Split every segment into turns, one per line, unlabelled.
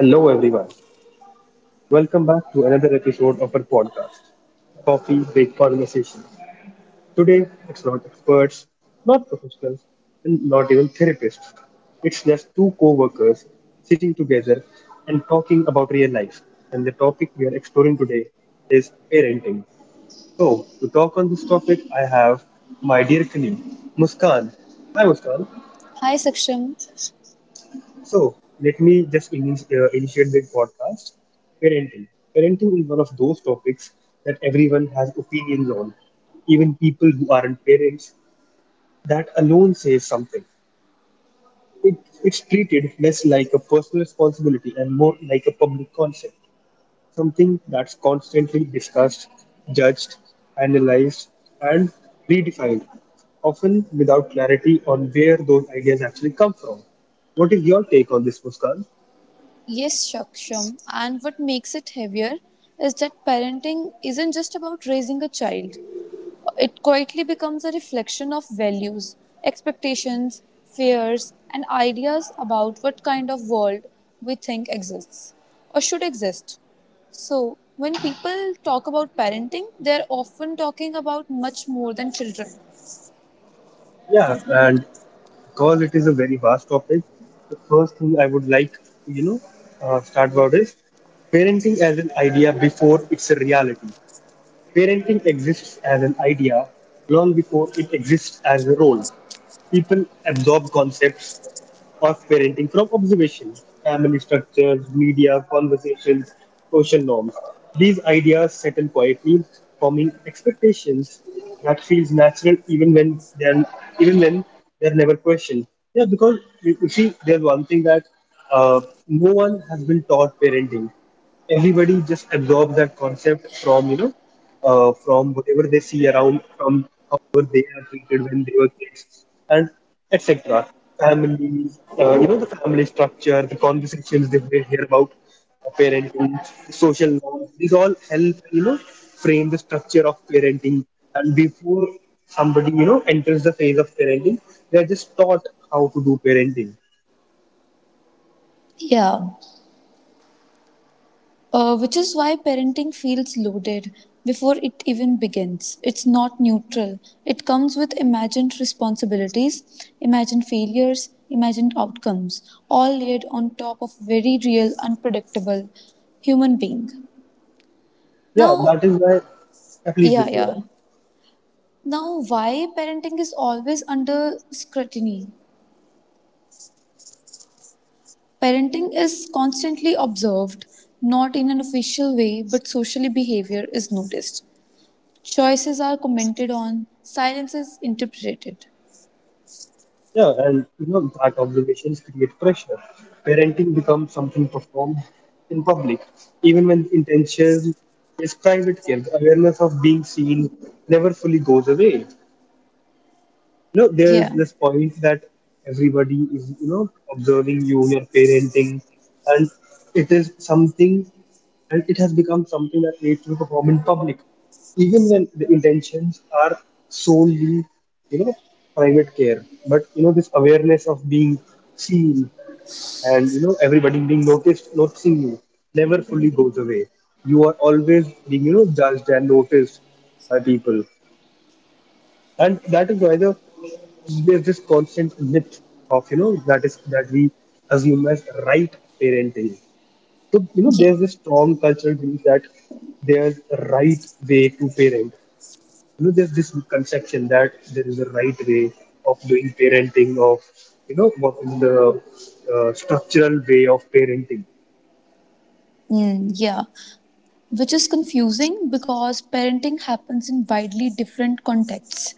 Hello, everyone. Welcome back to another episode of our podcast, Coffee Break Conversations. Today, it's not experts, not professionals, and not even therapists. It's just two co workers sitting together and talking about real life. And the topic we are exploring today is parenting. So, to talk on this topic, I have my dear colleague, Muskan. Hi, Muskan.
Hi Saksham.
So let me just initiate this podcast. Parenting. Parenting is one of those topics that everyone has opinions on, even people who aren't parents. That alone says something. It, it's treated less like a personal responsibility and more like a public concept, something that's constantly discussed, judged, analyzed, and redefined, often without clarity on where those ideas actually come from. What is your take on this, Muskan?
Yes, Saksham. And what makes it heavier is that parenting isn't just about raising a child. It quietly becomes a reflection of values, expectations, fears, and ideas about what kind of world we think exists or should exist. So, when people talk about parenting, they're often talking about much more than children.
Yeah, and because it is a very vast topic, the first thing I would like to, you know, start about is parenting as an idea before it's a reality. Parenting exists as an idea long before it exists as a role. People absorb concepts of parenting from observation, family structures, media, conversations, social norms. These ideas settle quietly, forming expectations that feels natural even when they're never questioned. Yeah, because you see, there's one thing that uh, no one has been taught parenting. Everybody just absorbs that concept from, you know, from whatever they see around, from however they are treated when they were kids, and etc. Families, you know, the family structure, the conversations that they hear about, parenting, the social norms, these all help, you know, frame the structure of parenting. And before somebody, you know, enters the phase of parenting, they are just taught how to do parenting.
Yeah, which is why parenting feels loaded before it even begins. It's not neutral. It comes with imagined responsibilities, imagined failures, imagined outcomes, all laid on top of very real, unpredictable human being.
Yeah, that
Now,
is why. Yeah, please do
yeah,
go
yeah.
on.
Now, why parenting is always under scrutiny? Parenting is constantly observed, not in an official way, but socially behavior is noticed. Choices are commented on, silence is interpreted.
Yeah, and you know that obligations create pressure. Parenting becomes something performed in public, even when intention is private care. The awareness of being seen never fully goes away. You know, there's
Yeah.
this point that everybody is, you know, observing you, your parenting, and it is something, and it has become something that needs to be performed in public, even when the intentions are solely, you know, private care. But, you know, this awareness of being seen, and, you know, everybody being noticed noticing you, never fully goes away. You are always being, you know, judged and noticed by people. And that is why there's this constant myth of, you know, that is, that we assume as right parenting. So, you know,
Yeah.
there's this strong cultural belief that there's a right way to parent. You know, there's this conception that there is a right way of doing parenting, of, you know, what is the structural way of parenting.
Mm, yeah. Which is confusing because parenting happens in widely different contexts.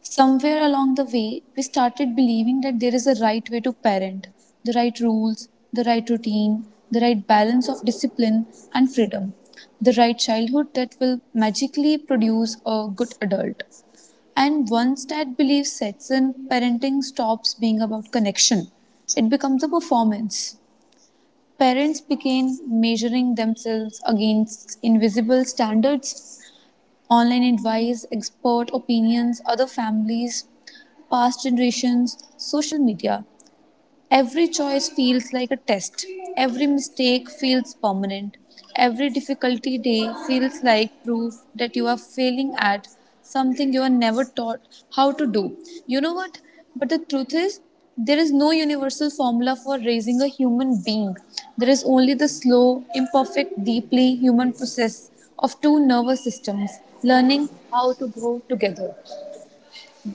Somewhere along the way, we started believing that there is a right way to parent, the right rules, the right routine, the right balance of discipline and freedom, the right childhood that will magically produce a good adult. And once that belief sets in, parenting stops being about connection. It becomes a performance. Parents begin measuring themselves against invisible standards, online advice, expert opinions, other families, past generations, social media. Every choice feels like a test. Every mistake feels permanent. Every difficulty day feels like proof that you are failing at something you are never taught how to do. You know what? But the truth is, there is no universal formula for raising a human being. There is only the slow, imperfect, deeply human process of two nervous systems learning how to grow together.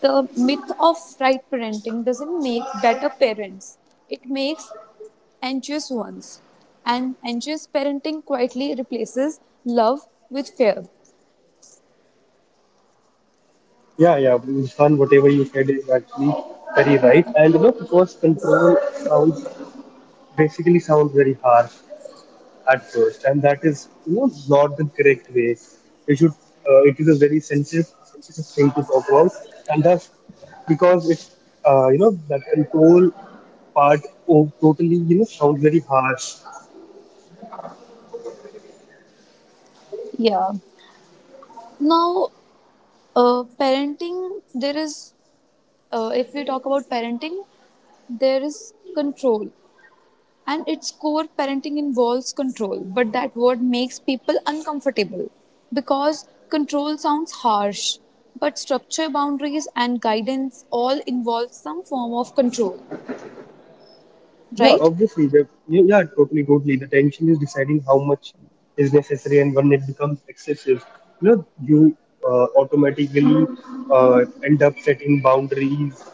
The myth of right parenting doesn't make better parents, it makes anxious ones. And anxious parenting quietly replaces love with fear.
Yeah. Muskan, whatever you said is actually very right. And you know, because control sounds, basically sounds very harsh at first, and that is, you know, not the correct way. You should. It is a sensitive thing to talk about, and that's because it, you know, that control part totally, you know, sounds very harsh.
Yeah. Now, uh, parenting, there is, if we talk about parenting, there is control. And its core, parenting involves control, but that word makes people uncomfortable because control sounds harsh, but structure, boundaries, and guidance all involve some form of control,
Yeah,
right?
obviously, the yeah, totally. The tension is deciding how much is necessary and when it becomes excessive. You know, you automatically end up setting boundaries.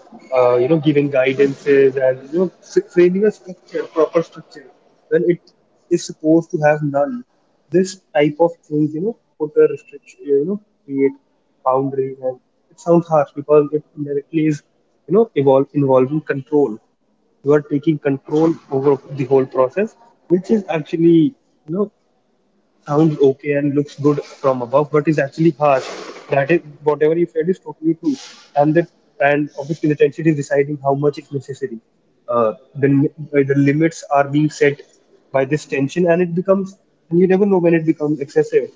You know, giving guidances, and you know, framing a structure, proper structure, when it is supposed to have none. This type of things, you know, put a restriction, you know, create boundaries, and it sounds harsh because it indirectly is, you know, evolve involving control. You are taking control over the whole process, which is actually, you know, sounds okay and looks good from above, but is actually harsh. That is, whatever you said is totally true. And that, and obviously the tension is deciding how much is necessary. The limits are being set by this tension, and it becomes, and you never know when it becomes excessive.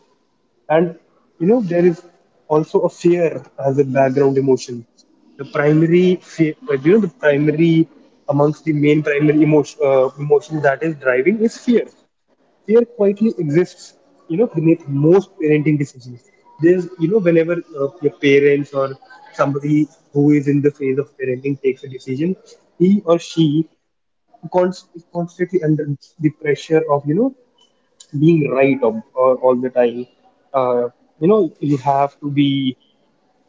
And you know, there is also a fear as a background emotion. The primary fear, you know, the primary amongst the main primary emotion that is driving, is fear. Fear quietly exists, you know, beneath most parenting decisions. There's, you know, whenever your parents or somebody who is in the phase of parenting takes a decision, he or she is constantly under the pressure of, you know, being right, all the time. Uh, you know, you have to be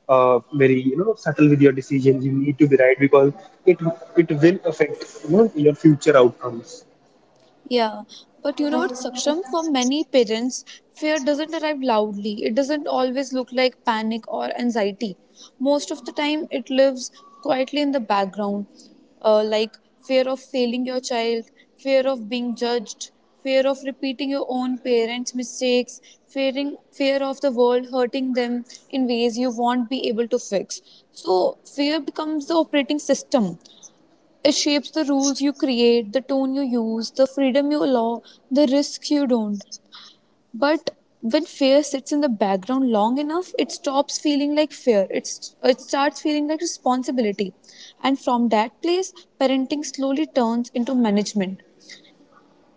very, you know, subtle with your decisions. You need to be right because it it will affect, you know, your future outcomes.
Yeah, but you know what, Saksham? For many parents, fear doesn't arrive loudly. It doesn't always look like panic or anxiety. Most of the time, it lives quietly in the background, like fear of failing your child, fear of being judged, fear of repeating your own parents' mistakes, fearing fear of the world hurting them in ways you won't be able to fix. So, fear becomes the operating system. It shapes the rules you create, the tone you use, the freedom you allow, the risks you don't. But when fear sits in the background long enough, it stops feeling like fear. It starts feeling like responsibility. And from that place, parenting slowly turns into management.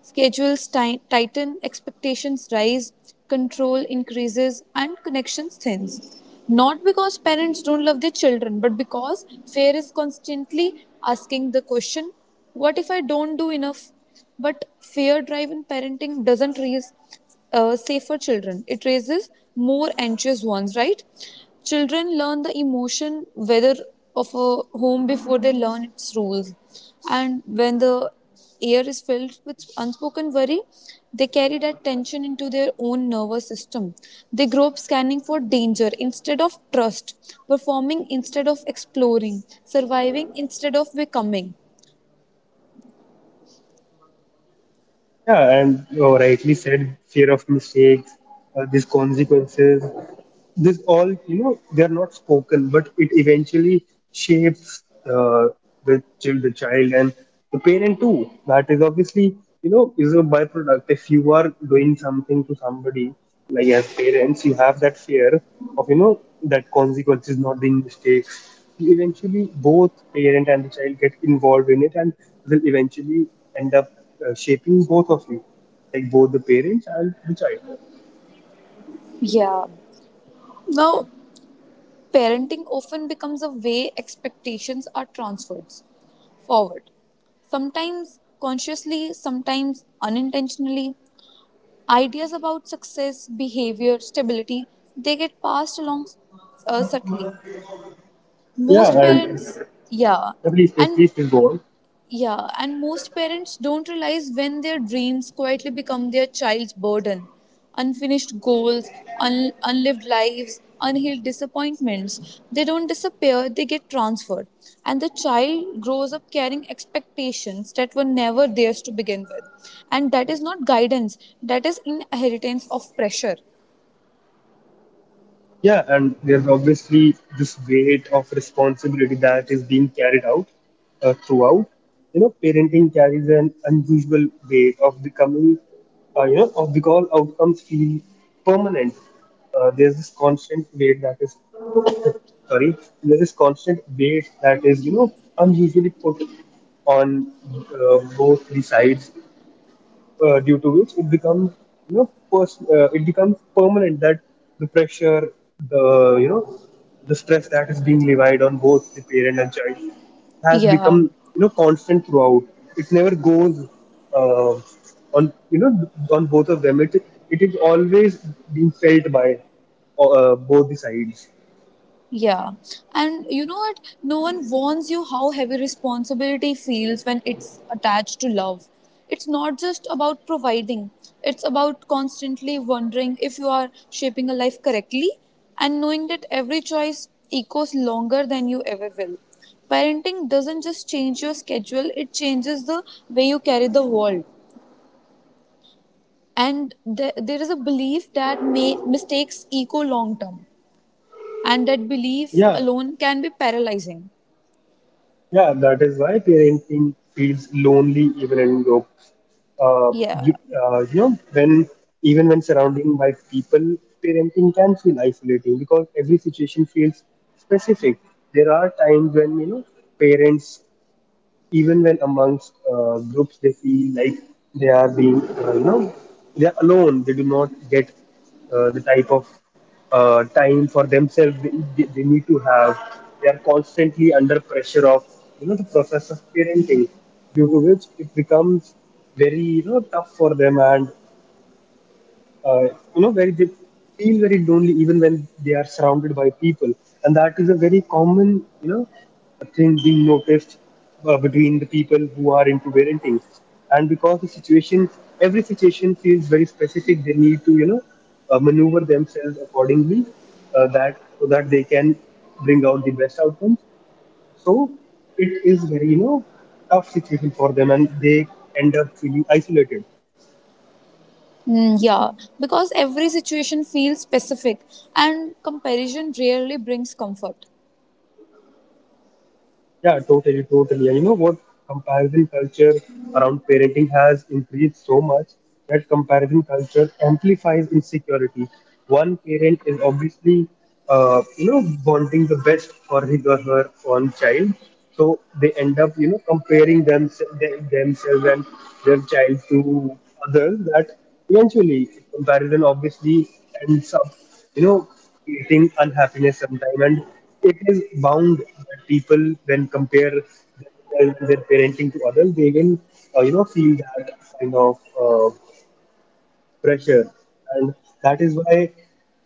Schedules tighten, expectations rise, control increases, and connections thins. Not because parents don't love their children, but because fear is constantly asking the question, what if I don't do enough? But fear driven parenting doesn't raise safer children, it raises more anxious ones, right? Children learn the emotion whether of a home before they learn its rules. And when the air is filled with unspoken worry, they carry that tension into their own nervous system. They grow up scanning for danger instead of trust, performing instead of exploring, surviving instead of becoming.
Yeah, and you rightly said, fear of mistakes, these consequences, this all, you know, they're not spoken, but it eventually shapes the child, and the parent too. That is obviously, you know, is a byproduct. If you are doing something to somebody, like as parents you have that fear of, you know, that consequences, not being mistakes. You eventually, both parent and the child, get involved in it, and will eventually end up shaping both of you, like both the parents and the child.
Yeah. Now, parenting often becomes a way expectations are transferred forward. Sometimes consciously, sometimes unintentionally. Ideas about success, behavior, stability, they get passed along subtly.
Yeah,
Most
and
parents, yeah, and
please go on.
yeah, and most parents don't realize when their dreams quietly become their child's burden. Unfinished goals, unlived lives, unhealed disappointments. They don't disappear, they get transferred. And the child grows up carrying expectations that were never theirs to begin with. And that is not guidance, that is inheritance of pressure.
Yeah, and there's obviously this weight of responsibility that is being carried out throughout. You know, parenting carries an unusual weight of becoming, you know, of, because outcomes feel permanent. There's this constant weight that is, sorry, there's this constant weight that is, you know, unusually put on both the sides, due to which it becomes, you know, it becomes permanent. That the pressure, the, you know, the stress that is being levied on both the parent and child has become,
Yeah.
you know, constant throughout. It never goes, uh, on, you know, on both of them. It is always being felt by both the sides.
Yeah. And you know what? No one warns you how heavy responsibility feels when it's attached to love. It's not just about providing, it's about constantly wondering if you are shaping a life correctly and knowing that every choice echoes longer than you ever will. Parenting doesn't just change your schedule, it changes the way you carry the world. And there is a belief that may, mistakes echo long term, and that belief
Yeah.
alone can be paralyzing.
Yeah, that is why parenting feels lonely even in groups. Uh,
Yeah.
you, you know, when even when surrounding by people, parenting can feel isolating because every situation feels specific. There are times when, you know, parents, even when amongst groups, they feel like they are being, you know, they are alone. They do not get the type of time for themselves they need to have. They are constantly under pressure of, you know, the process of parenting, due to which it becomes very, you know, tough for them. And you know, very, they feel very lonely even when they are surrounded by people. And that is a very common, you know, a thing being noticed between the people who are into parenting. And because the situation, every situation feels very specific, they need to, you know, maneuver themselves accordingly, that so that they can bring out the best outcomes. So, it is very, you know, tough situation for them, and they end up feeling isolated.
Mm, yeah. Because every situation feels specific and comparison rarely brings comfort.
Yeah, totally. And you know what? Comparison culture around parenting has increased so much that comparison culture amplifies insecurity. One parent is obviously, you know, wanting the best for his or her own child, so they end up, you know, comparing them themselves and their child to others. That eventually, comparison obviously ends up, you know, creating unhappiness sometime. And it is bound that people, when compare their parenting to others, they will, you know, feel that kind of pressure. And that is why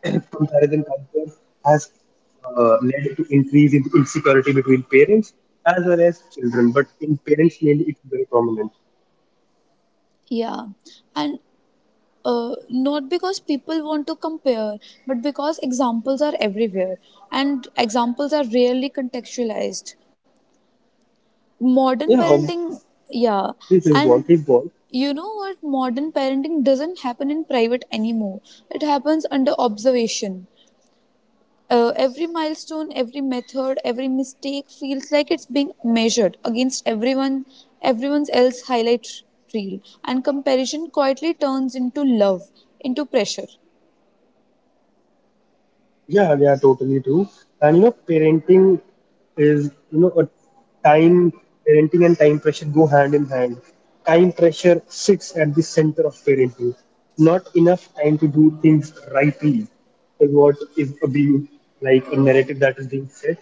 comparison culture has led to increase in insecurity between parents as well as children. But in parents, mainly, it is very prominent.
Yeah. And not because people want to compare, but because examples are everywhere and examples are rarely contextualized. Modern
Yeah,
parenting, yeah.
this is what
And
is what.
you know what? Modern parenting doesn't happen in private anymore, it happens under observation. Every milestone, every method, every mistake feels like it's being measured against everyone, everyone's else highlight reel, and comparison quietly turns into love, into pressure.
Yeah, they are totally true. And you know, parenting is you know a time parenting and time pressure go hand in hand. Time pressure sits at the center of parenting. Not enough time to do things rightly is what is being, like a narrative that is being set.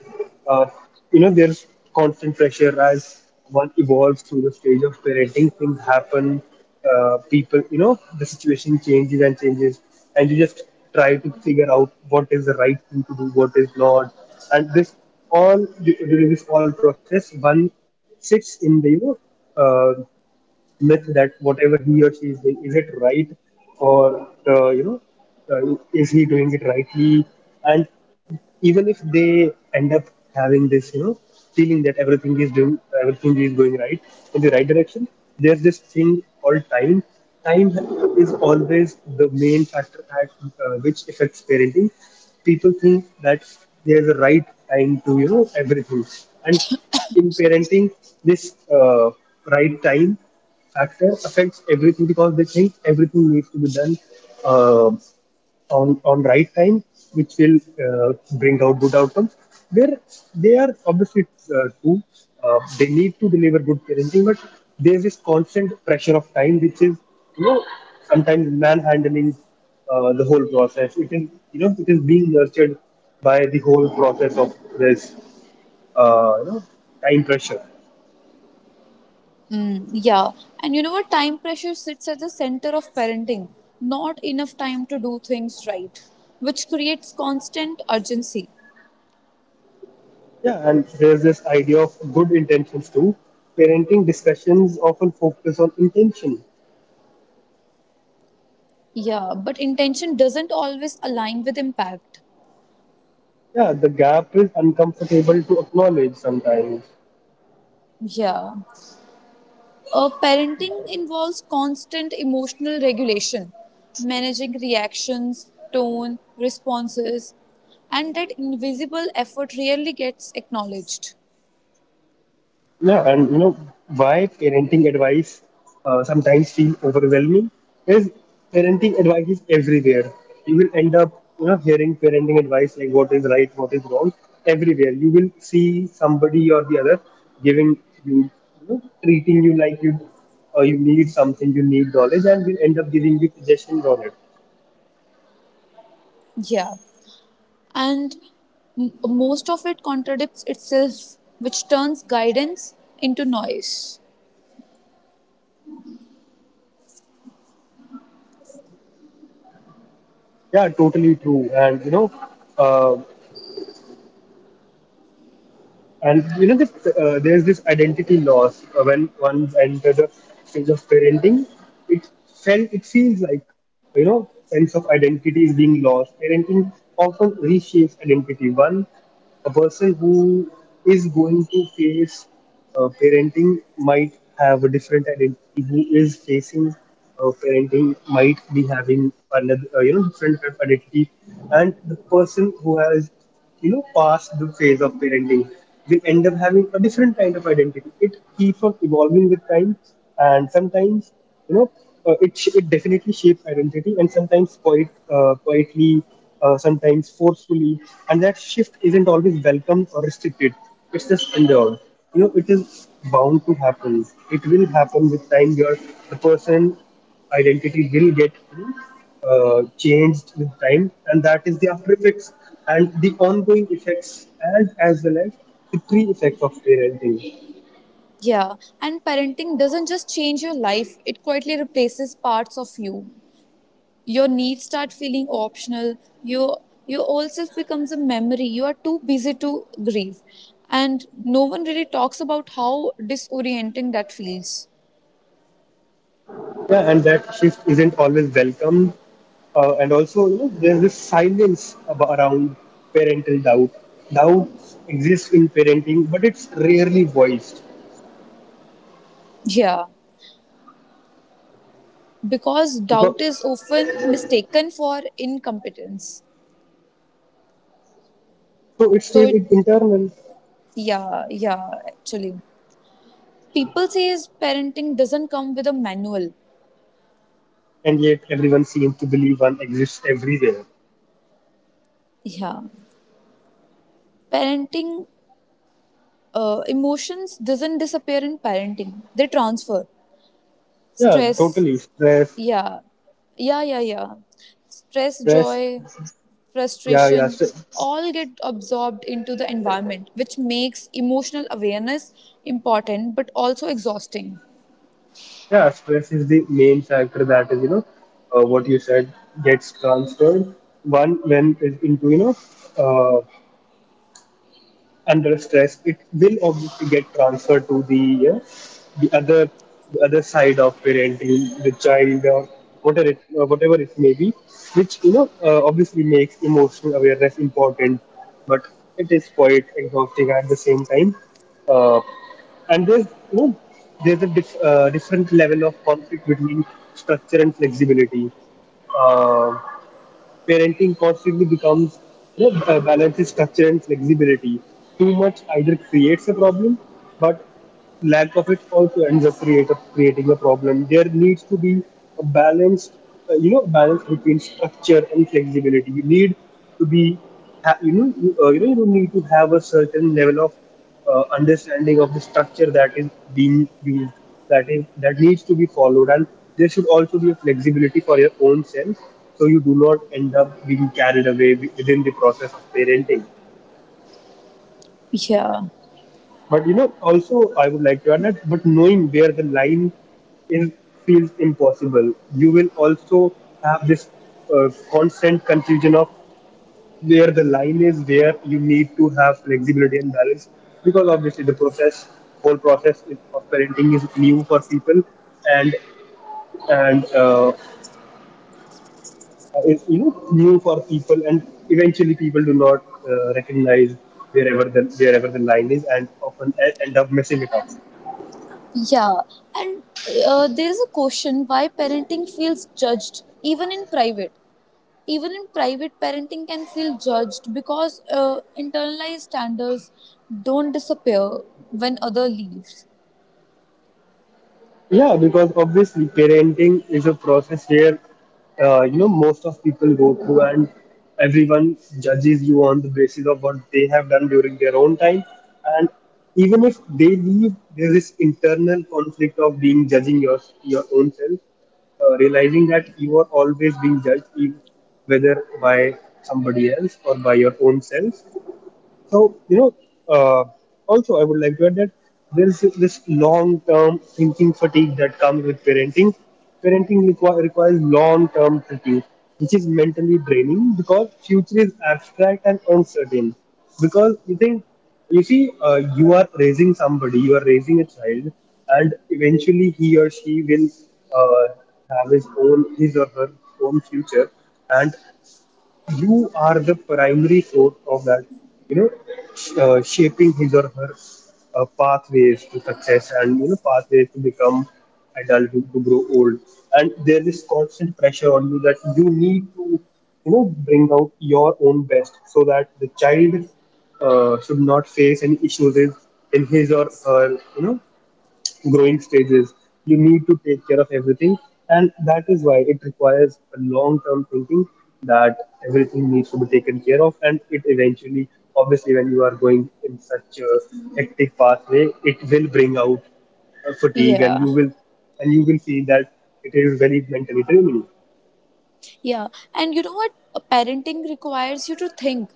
uh, you know, there's constant pressure. As one evolves through the stage of parenting, things happen. People, you know, the situation changes and changes, and you just try to figure out what is the right thing to do, what is not. And this all, during this all process, one sits in the, you know, uh, myth, that whatever he or she is doing, is it right? Or you know, is he doing it rightly? And even if they end up having this, you know, feeling that everything is doing, everything is going right, in the right direction, there's this thing called time. Time is always the main factor at, which affects parenting. People think that there's a right time to, you know, everything. And in
Sorry.
parenting, this right time factor affects everything, because they think everything needs to be done, uh, on right time, which will uh, bring out good outcomes. Where they are obviously true, they need to deliver good parenting, but there's this constant pressure of time, which is you know sometimes manhandling the whole process. It is it is being nurtured by the whole process of this uh, you know time pressure.
Mm, yeah, and you know what? Time pressure sits at the center of parenting. Not enough time to do things right, which creates constant urgency.
Yeah, and there's this idea of good intentions too. Parenting discussions often focus on intention.
Yeah, but intention doesn't always align with impact.
Yeah, the gap is uncomfortable to acknowledge sometimes.
Yeah. Parenting involves constant emotional regulation, managing reactions, tone, responses, and that invisible effort rarely gets acknowledged.
Yeah, and you know why parenting advice sometimes feel overwhelming is parenting advice is everywhere. You will end up hearing parenting advice like what is right, what is wrong everywhere. You will see somebody or the other giving you, you know, treating you like you or you need something, you need knowledge, and will end up giving you suggestions on it.
Yeah. And most of it contradicts itself, which turns guidance into noise.
Yeah, totally true. Uh. And you know, there's this identity loss when one's enter the stage of parenting. It feels like you know, sense of identity is being lost. Parenting often reshapes identity. A person who is going to face parenting might have a different identity. Who is facing parenting might be having another, you know, different kind of identity. And the person who has you know, past the phase of parenting, will end up having a different kind of identity. It keeps on evolving with time, and sometimes, you know, it definitely shapes identity, and sometimes quite quietly, sometimes forcefully, and that shift isn't always welcomed or restricted. It's just endured. You know, it is bound to happen. It will happen with time. You're the person identity will get changed with time, and that is the after effects and the ongoing effects, and as well as the pre effects of parenting.
Yeah. And parenting doesn't just change your life, it quietly replaces parts of you. Your needs start feeling optional, you your old self becomes a memory you are too busy to grieve, and no one really talks about how disorienting that feels.
Yeah, and that shift isn't always welcomed. Uh, and also you know there's this silence about, around parental doubt. Exists in parenting, but it's rarely voiced
Yeah, because doubt is
because,
often mistaken for incompetence,
so it stays internal.
so it, yeah actually people say is parenting doesn't come with a manual.
And yet everyone seems to believe one exists everywhere.
Yeah, parenting, emotions doesn't disappear in parenting, they transfer
Yeah,
stress.
totally. Stress,
Yeah, yeah. Stress,
stress
joy,
Yeah, yeah,
frustration all get absorbed into the environment, which makes emotional awareness important but also exhausting.
yeah. Stress is the main factor that is, you know, what you said gets transferred. One when is into you know, uh, Under stress, it will obviously get transferred to the other the other side of parenting, the child or whatever it may be, which obviously makes emotional awareness important, but it is quite exhausting at the same time. Uh, and there's there's a different level of conflict between structure and flexibility. Uh, Parenting constantly becomes balances structure and flexibility. Too much either creates a problem, but lack of it also ends up create creating a problem. There needs to be a balanced, you know, balance between structure and flexibility. You need to be, you know, you need to have a certain level of understanding of the structure that is that needs to be followed, and there should also be a flexibility for your own self, so you do not end up being carried away within the process of parenting.
Yeah,
But you know, also I would like to add that, but knowing where the line is feels impossible. You will also have this uh, constant confusion of where the line is, where you need to have flexibility and balance, because obviously the process whole process of parenting is new for people, and and is new for people, and eventually people do not recognize wherever the line is, and often end up messing it up.
yeah. And there is a question why parenting feels judged even in private. Even in private, parenting can feel judged because internalized standards don't disappear when other leaves.
Yeah, because obviously parenting is a process where, most of people go through, and everyone judges you on the basis of what they have done during their own time. And even if they leave, there's this internal conflict of being judging your own self, realizing that you are always being judged, whether by somebody else or by your own self. So, you know, uh, also I would like to add that there's this long term thinking fatigue that comes with parenting. Parenting requires long term thinking, which is mentally draining because future is abstract and uncertain. Because you think, you see, you are raising somebody, you are raising a child, and eventually he or she will uh, have his or her own future. And you are the primary source of that, you know, shaping his or her pathways to success and, you know, pathways to become adult, to grow old. And there is constant pressure on you that you need to, you know, bring out your own best so that the child should not face any issues in his or her, you know, growing stages. You need to take care of everything, and that is why it requires a long term thinking that everything needs to be taken care of, and it eventually, obviously, when you are going in such a hectic pathway, it will bring out fatigue,
Yeah.
and you will see that it is very mentally draining.
Yeah, and you know what? Parenting requires you to think.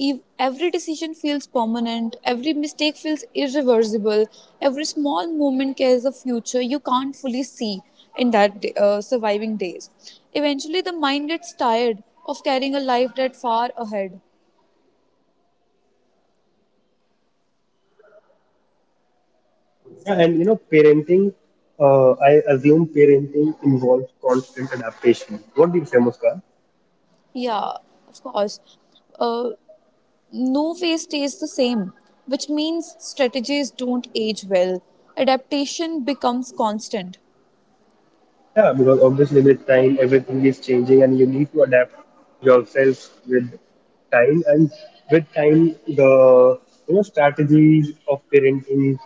Every decision feels permanent, every mistake feels irreversible, every small moment carries a future you can't fully see in that day, surviving days. Eventually, the mind gets tired of carrying a life that far ahead.
Yeah, and you know parenting, I assume parenting involves constant adaptation. What do you say, Muska?
Yeah, of course. Uh, no phase stays the same, which means strategies don't age well. Adaptation becomes constant.
Yeah, because obviously with time everything is changing and you need to adapt yourself with time, and with time the you know strategies of parenting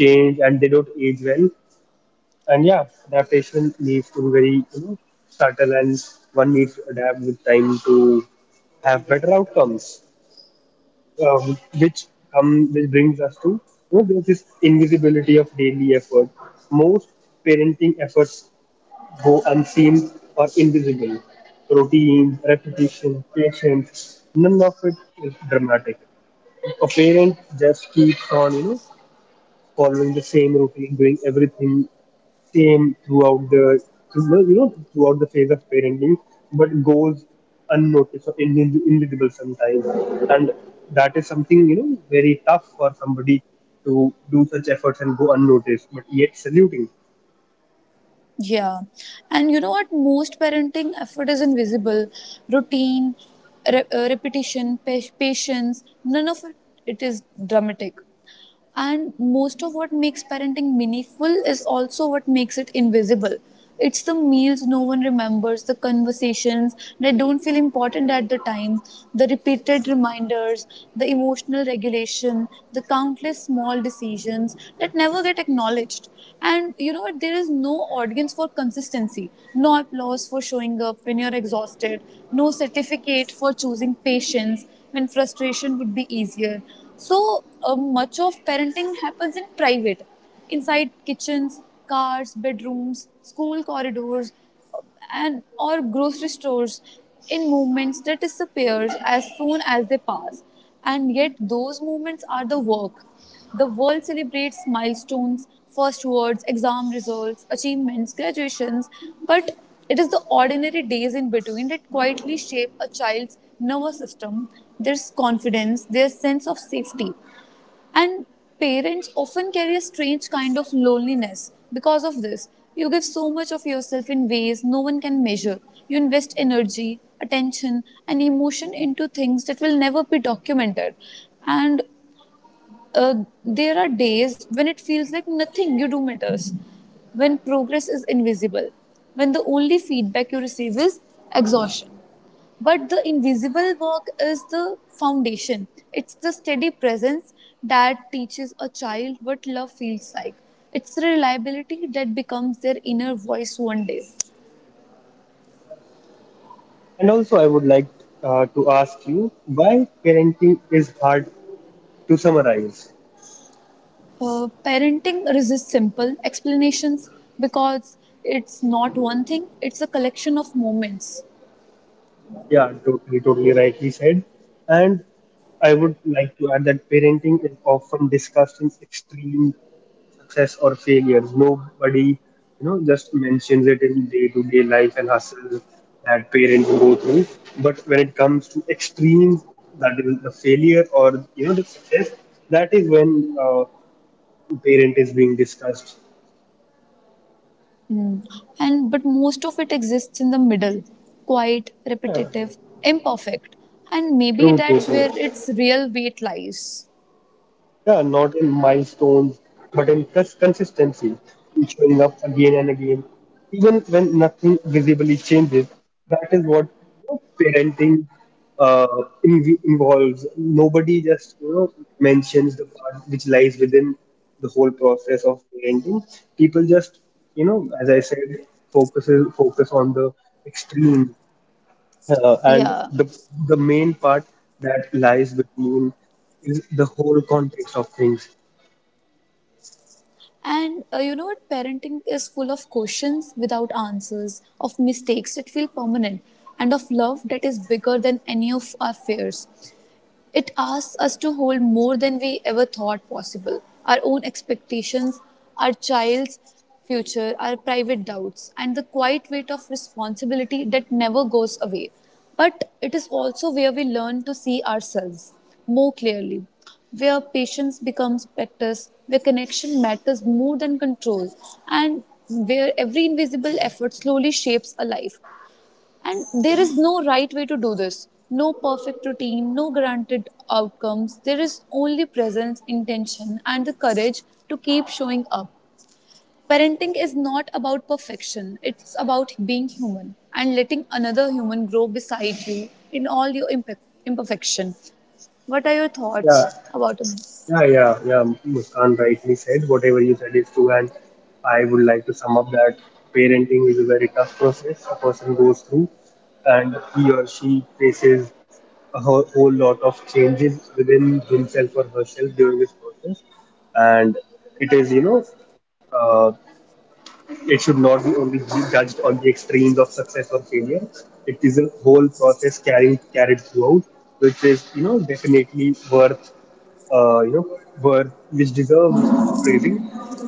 change and they don't age well. And yeah, adaptation needs to be very, you know, subtle, and one needs to adapt with time to have better outcomes. Um, which which brings us to, you know, there's this invisibility of daily effort. Most parenting efforts go unseen or invisible. Routine, repetition, patience, none of it is dramatic. A parent just keeps on, you know, following the same routine, doing everything same throughout the, you know, throughout the phase of parenting, but goes unnoticed or invisible sometimes. And that is something, you know, very tough for somebody to do such efforts and go unnoticed, but yet saluting.
Yeah. And you know what? Most parenting effort is invisible. Routine, repetition, patience, none of it, it is dramatic. And most of what makes parenting meaningful is also what makes it invisible. It's the meals no one remembers, the conversations that don't feel important at the time, the repeated reminders, the emotional regulation, the countless small decisions that never get acknowledged. And you know what? There is no audience for consistency, no applause for showing up when you're exhausted, no certificate for choosing patience when frustration would be easier. So much of parenting happens in private inside kitchens, cars, bedrooms, school corridors, and or grocery stores in movements that disappears as soon as they pass. And yet those movements are the work. The world celebrates milestones, first words, exam results, achievements, graduations, but it is the ordinary days in between that quietly shape a child's nervous system, their confidence, their sense of safety, and parents often carry a strange kind of loneliness because of this. You give so much of yourself in ways no one can measure. You invest energy, attention, and emotion into things that will never be documented. And there are days when it feels like nothing you do matters, when progress is invisible, when the only feedback you receive is exhaustion. But the invisible work is the foundation. It's the steady presence that teaches a child what love feels like. It's the reliability that becomes their inner voice one day.
And also, I would like to ask you why parenting is hard to summarize.
Parenting resists simple explanations because it's not one thing, it's a collection of moments.
Yeah, totally, totally rightly said. And I would like to add that parenting is often discussed in extreme success or failure. Nobody, you know, just mentions it in day-to-day life and hustle that parents go through. But when it comes to extremes, that is the failure or you know the success, that is when parent is being discussed.
And but most of it exists in the middle quiet,
Yeah.
repetitive, imperfect. And maybe
True, true,
that's
true.
where its real weight lies.
Yeah, not in milestones, but in consistency, in showing up again and again, even when nothing visibly changes. That is what you know, parenting uh, involves. Nobody just you know mentions the part which lies within the whole process of parenting. People just you know, as I said, focus on the extreme. And
Yeah.
the main part that lies between is the whole context of things.
And you know what? Parenting is full of questions without answers, of mistakes that feel permanent, and of love that is bigger than any of our fears. It asks us to hold more than we ever thought possible our own expectations, our child's future, our private doubts, and the quiet weight of responsibility that never goes away. But it is also where we learn to see ourselves more clearly, where patience becomes practice, where connection matters more than control, and where every invisible effort slowly shapes a life. And there is no right way to do this, no perfect routine, no guaranteed outcomes. There is only presence, intention, and the courage to keep showing up. Parenting is not about perfection, it's about being human and letting another human grow beside you in all your imperfection. What are your
Yeah,
thoughts about?
yeah, yeah, yeah. Muskan rightly said. Whatever you said is true, and I would like to sum up that parenting is a very tough process a person goes through, and he or she faces a whole, whole lot of changes within himself or herself during this process, and it is you know. Uh, It should not be only judged on the extremes of success or failure. It is a whole process carrying carried throughout, which is you know definitely worth worth which deserve praising.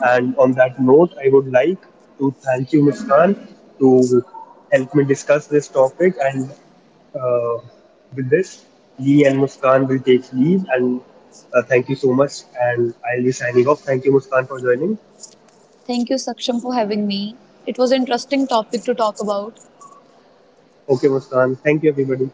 And on that note, I would like to thank you, Muskan, to help me discuss this topic, and uh, with this, Lee and Muskan will take leave, and thank you so much. And I'll be signing off. Thank you, Muskan, for joining.
Thank you, Saksham, for having me. It was an interesting topic to talk about.
Okay, Muskan. Thank you, everybody.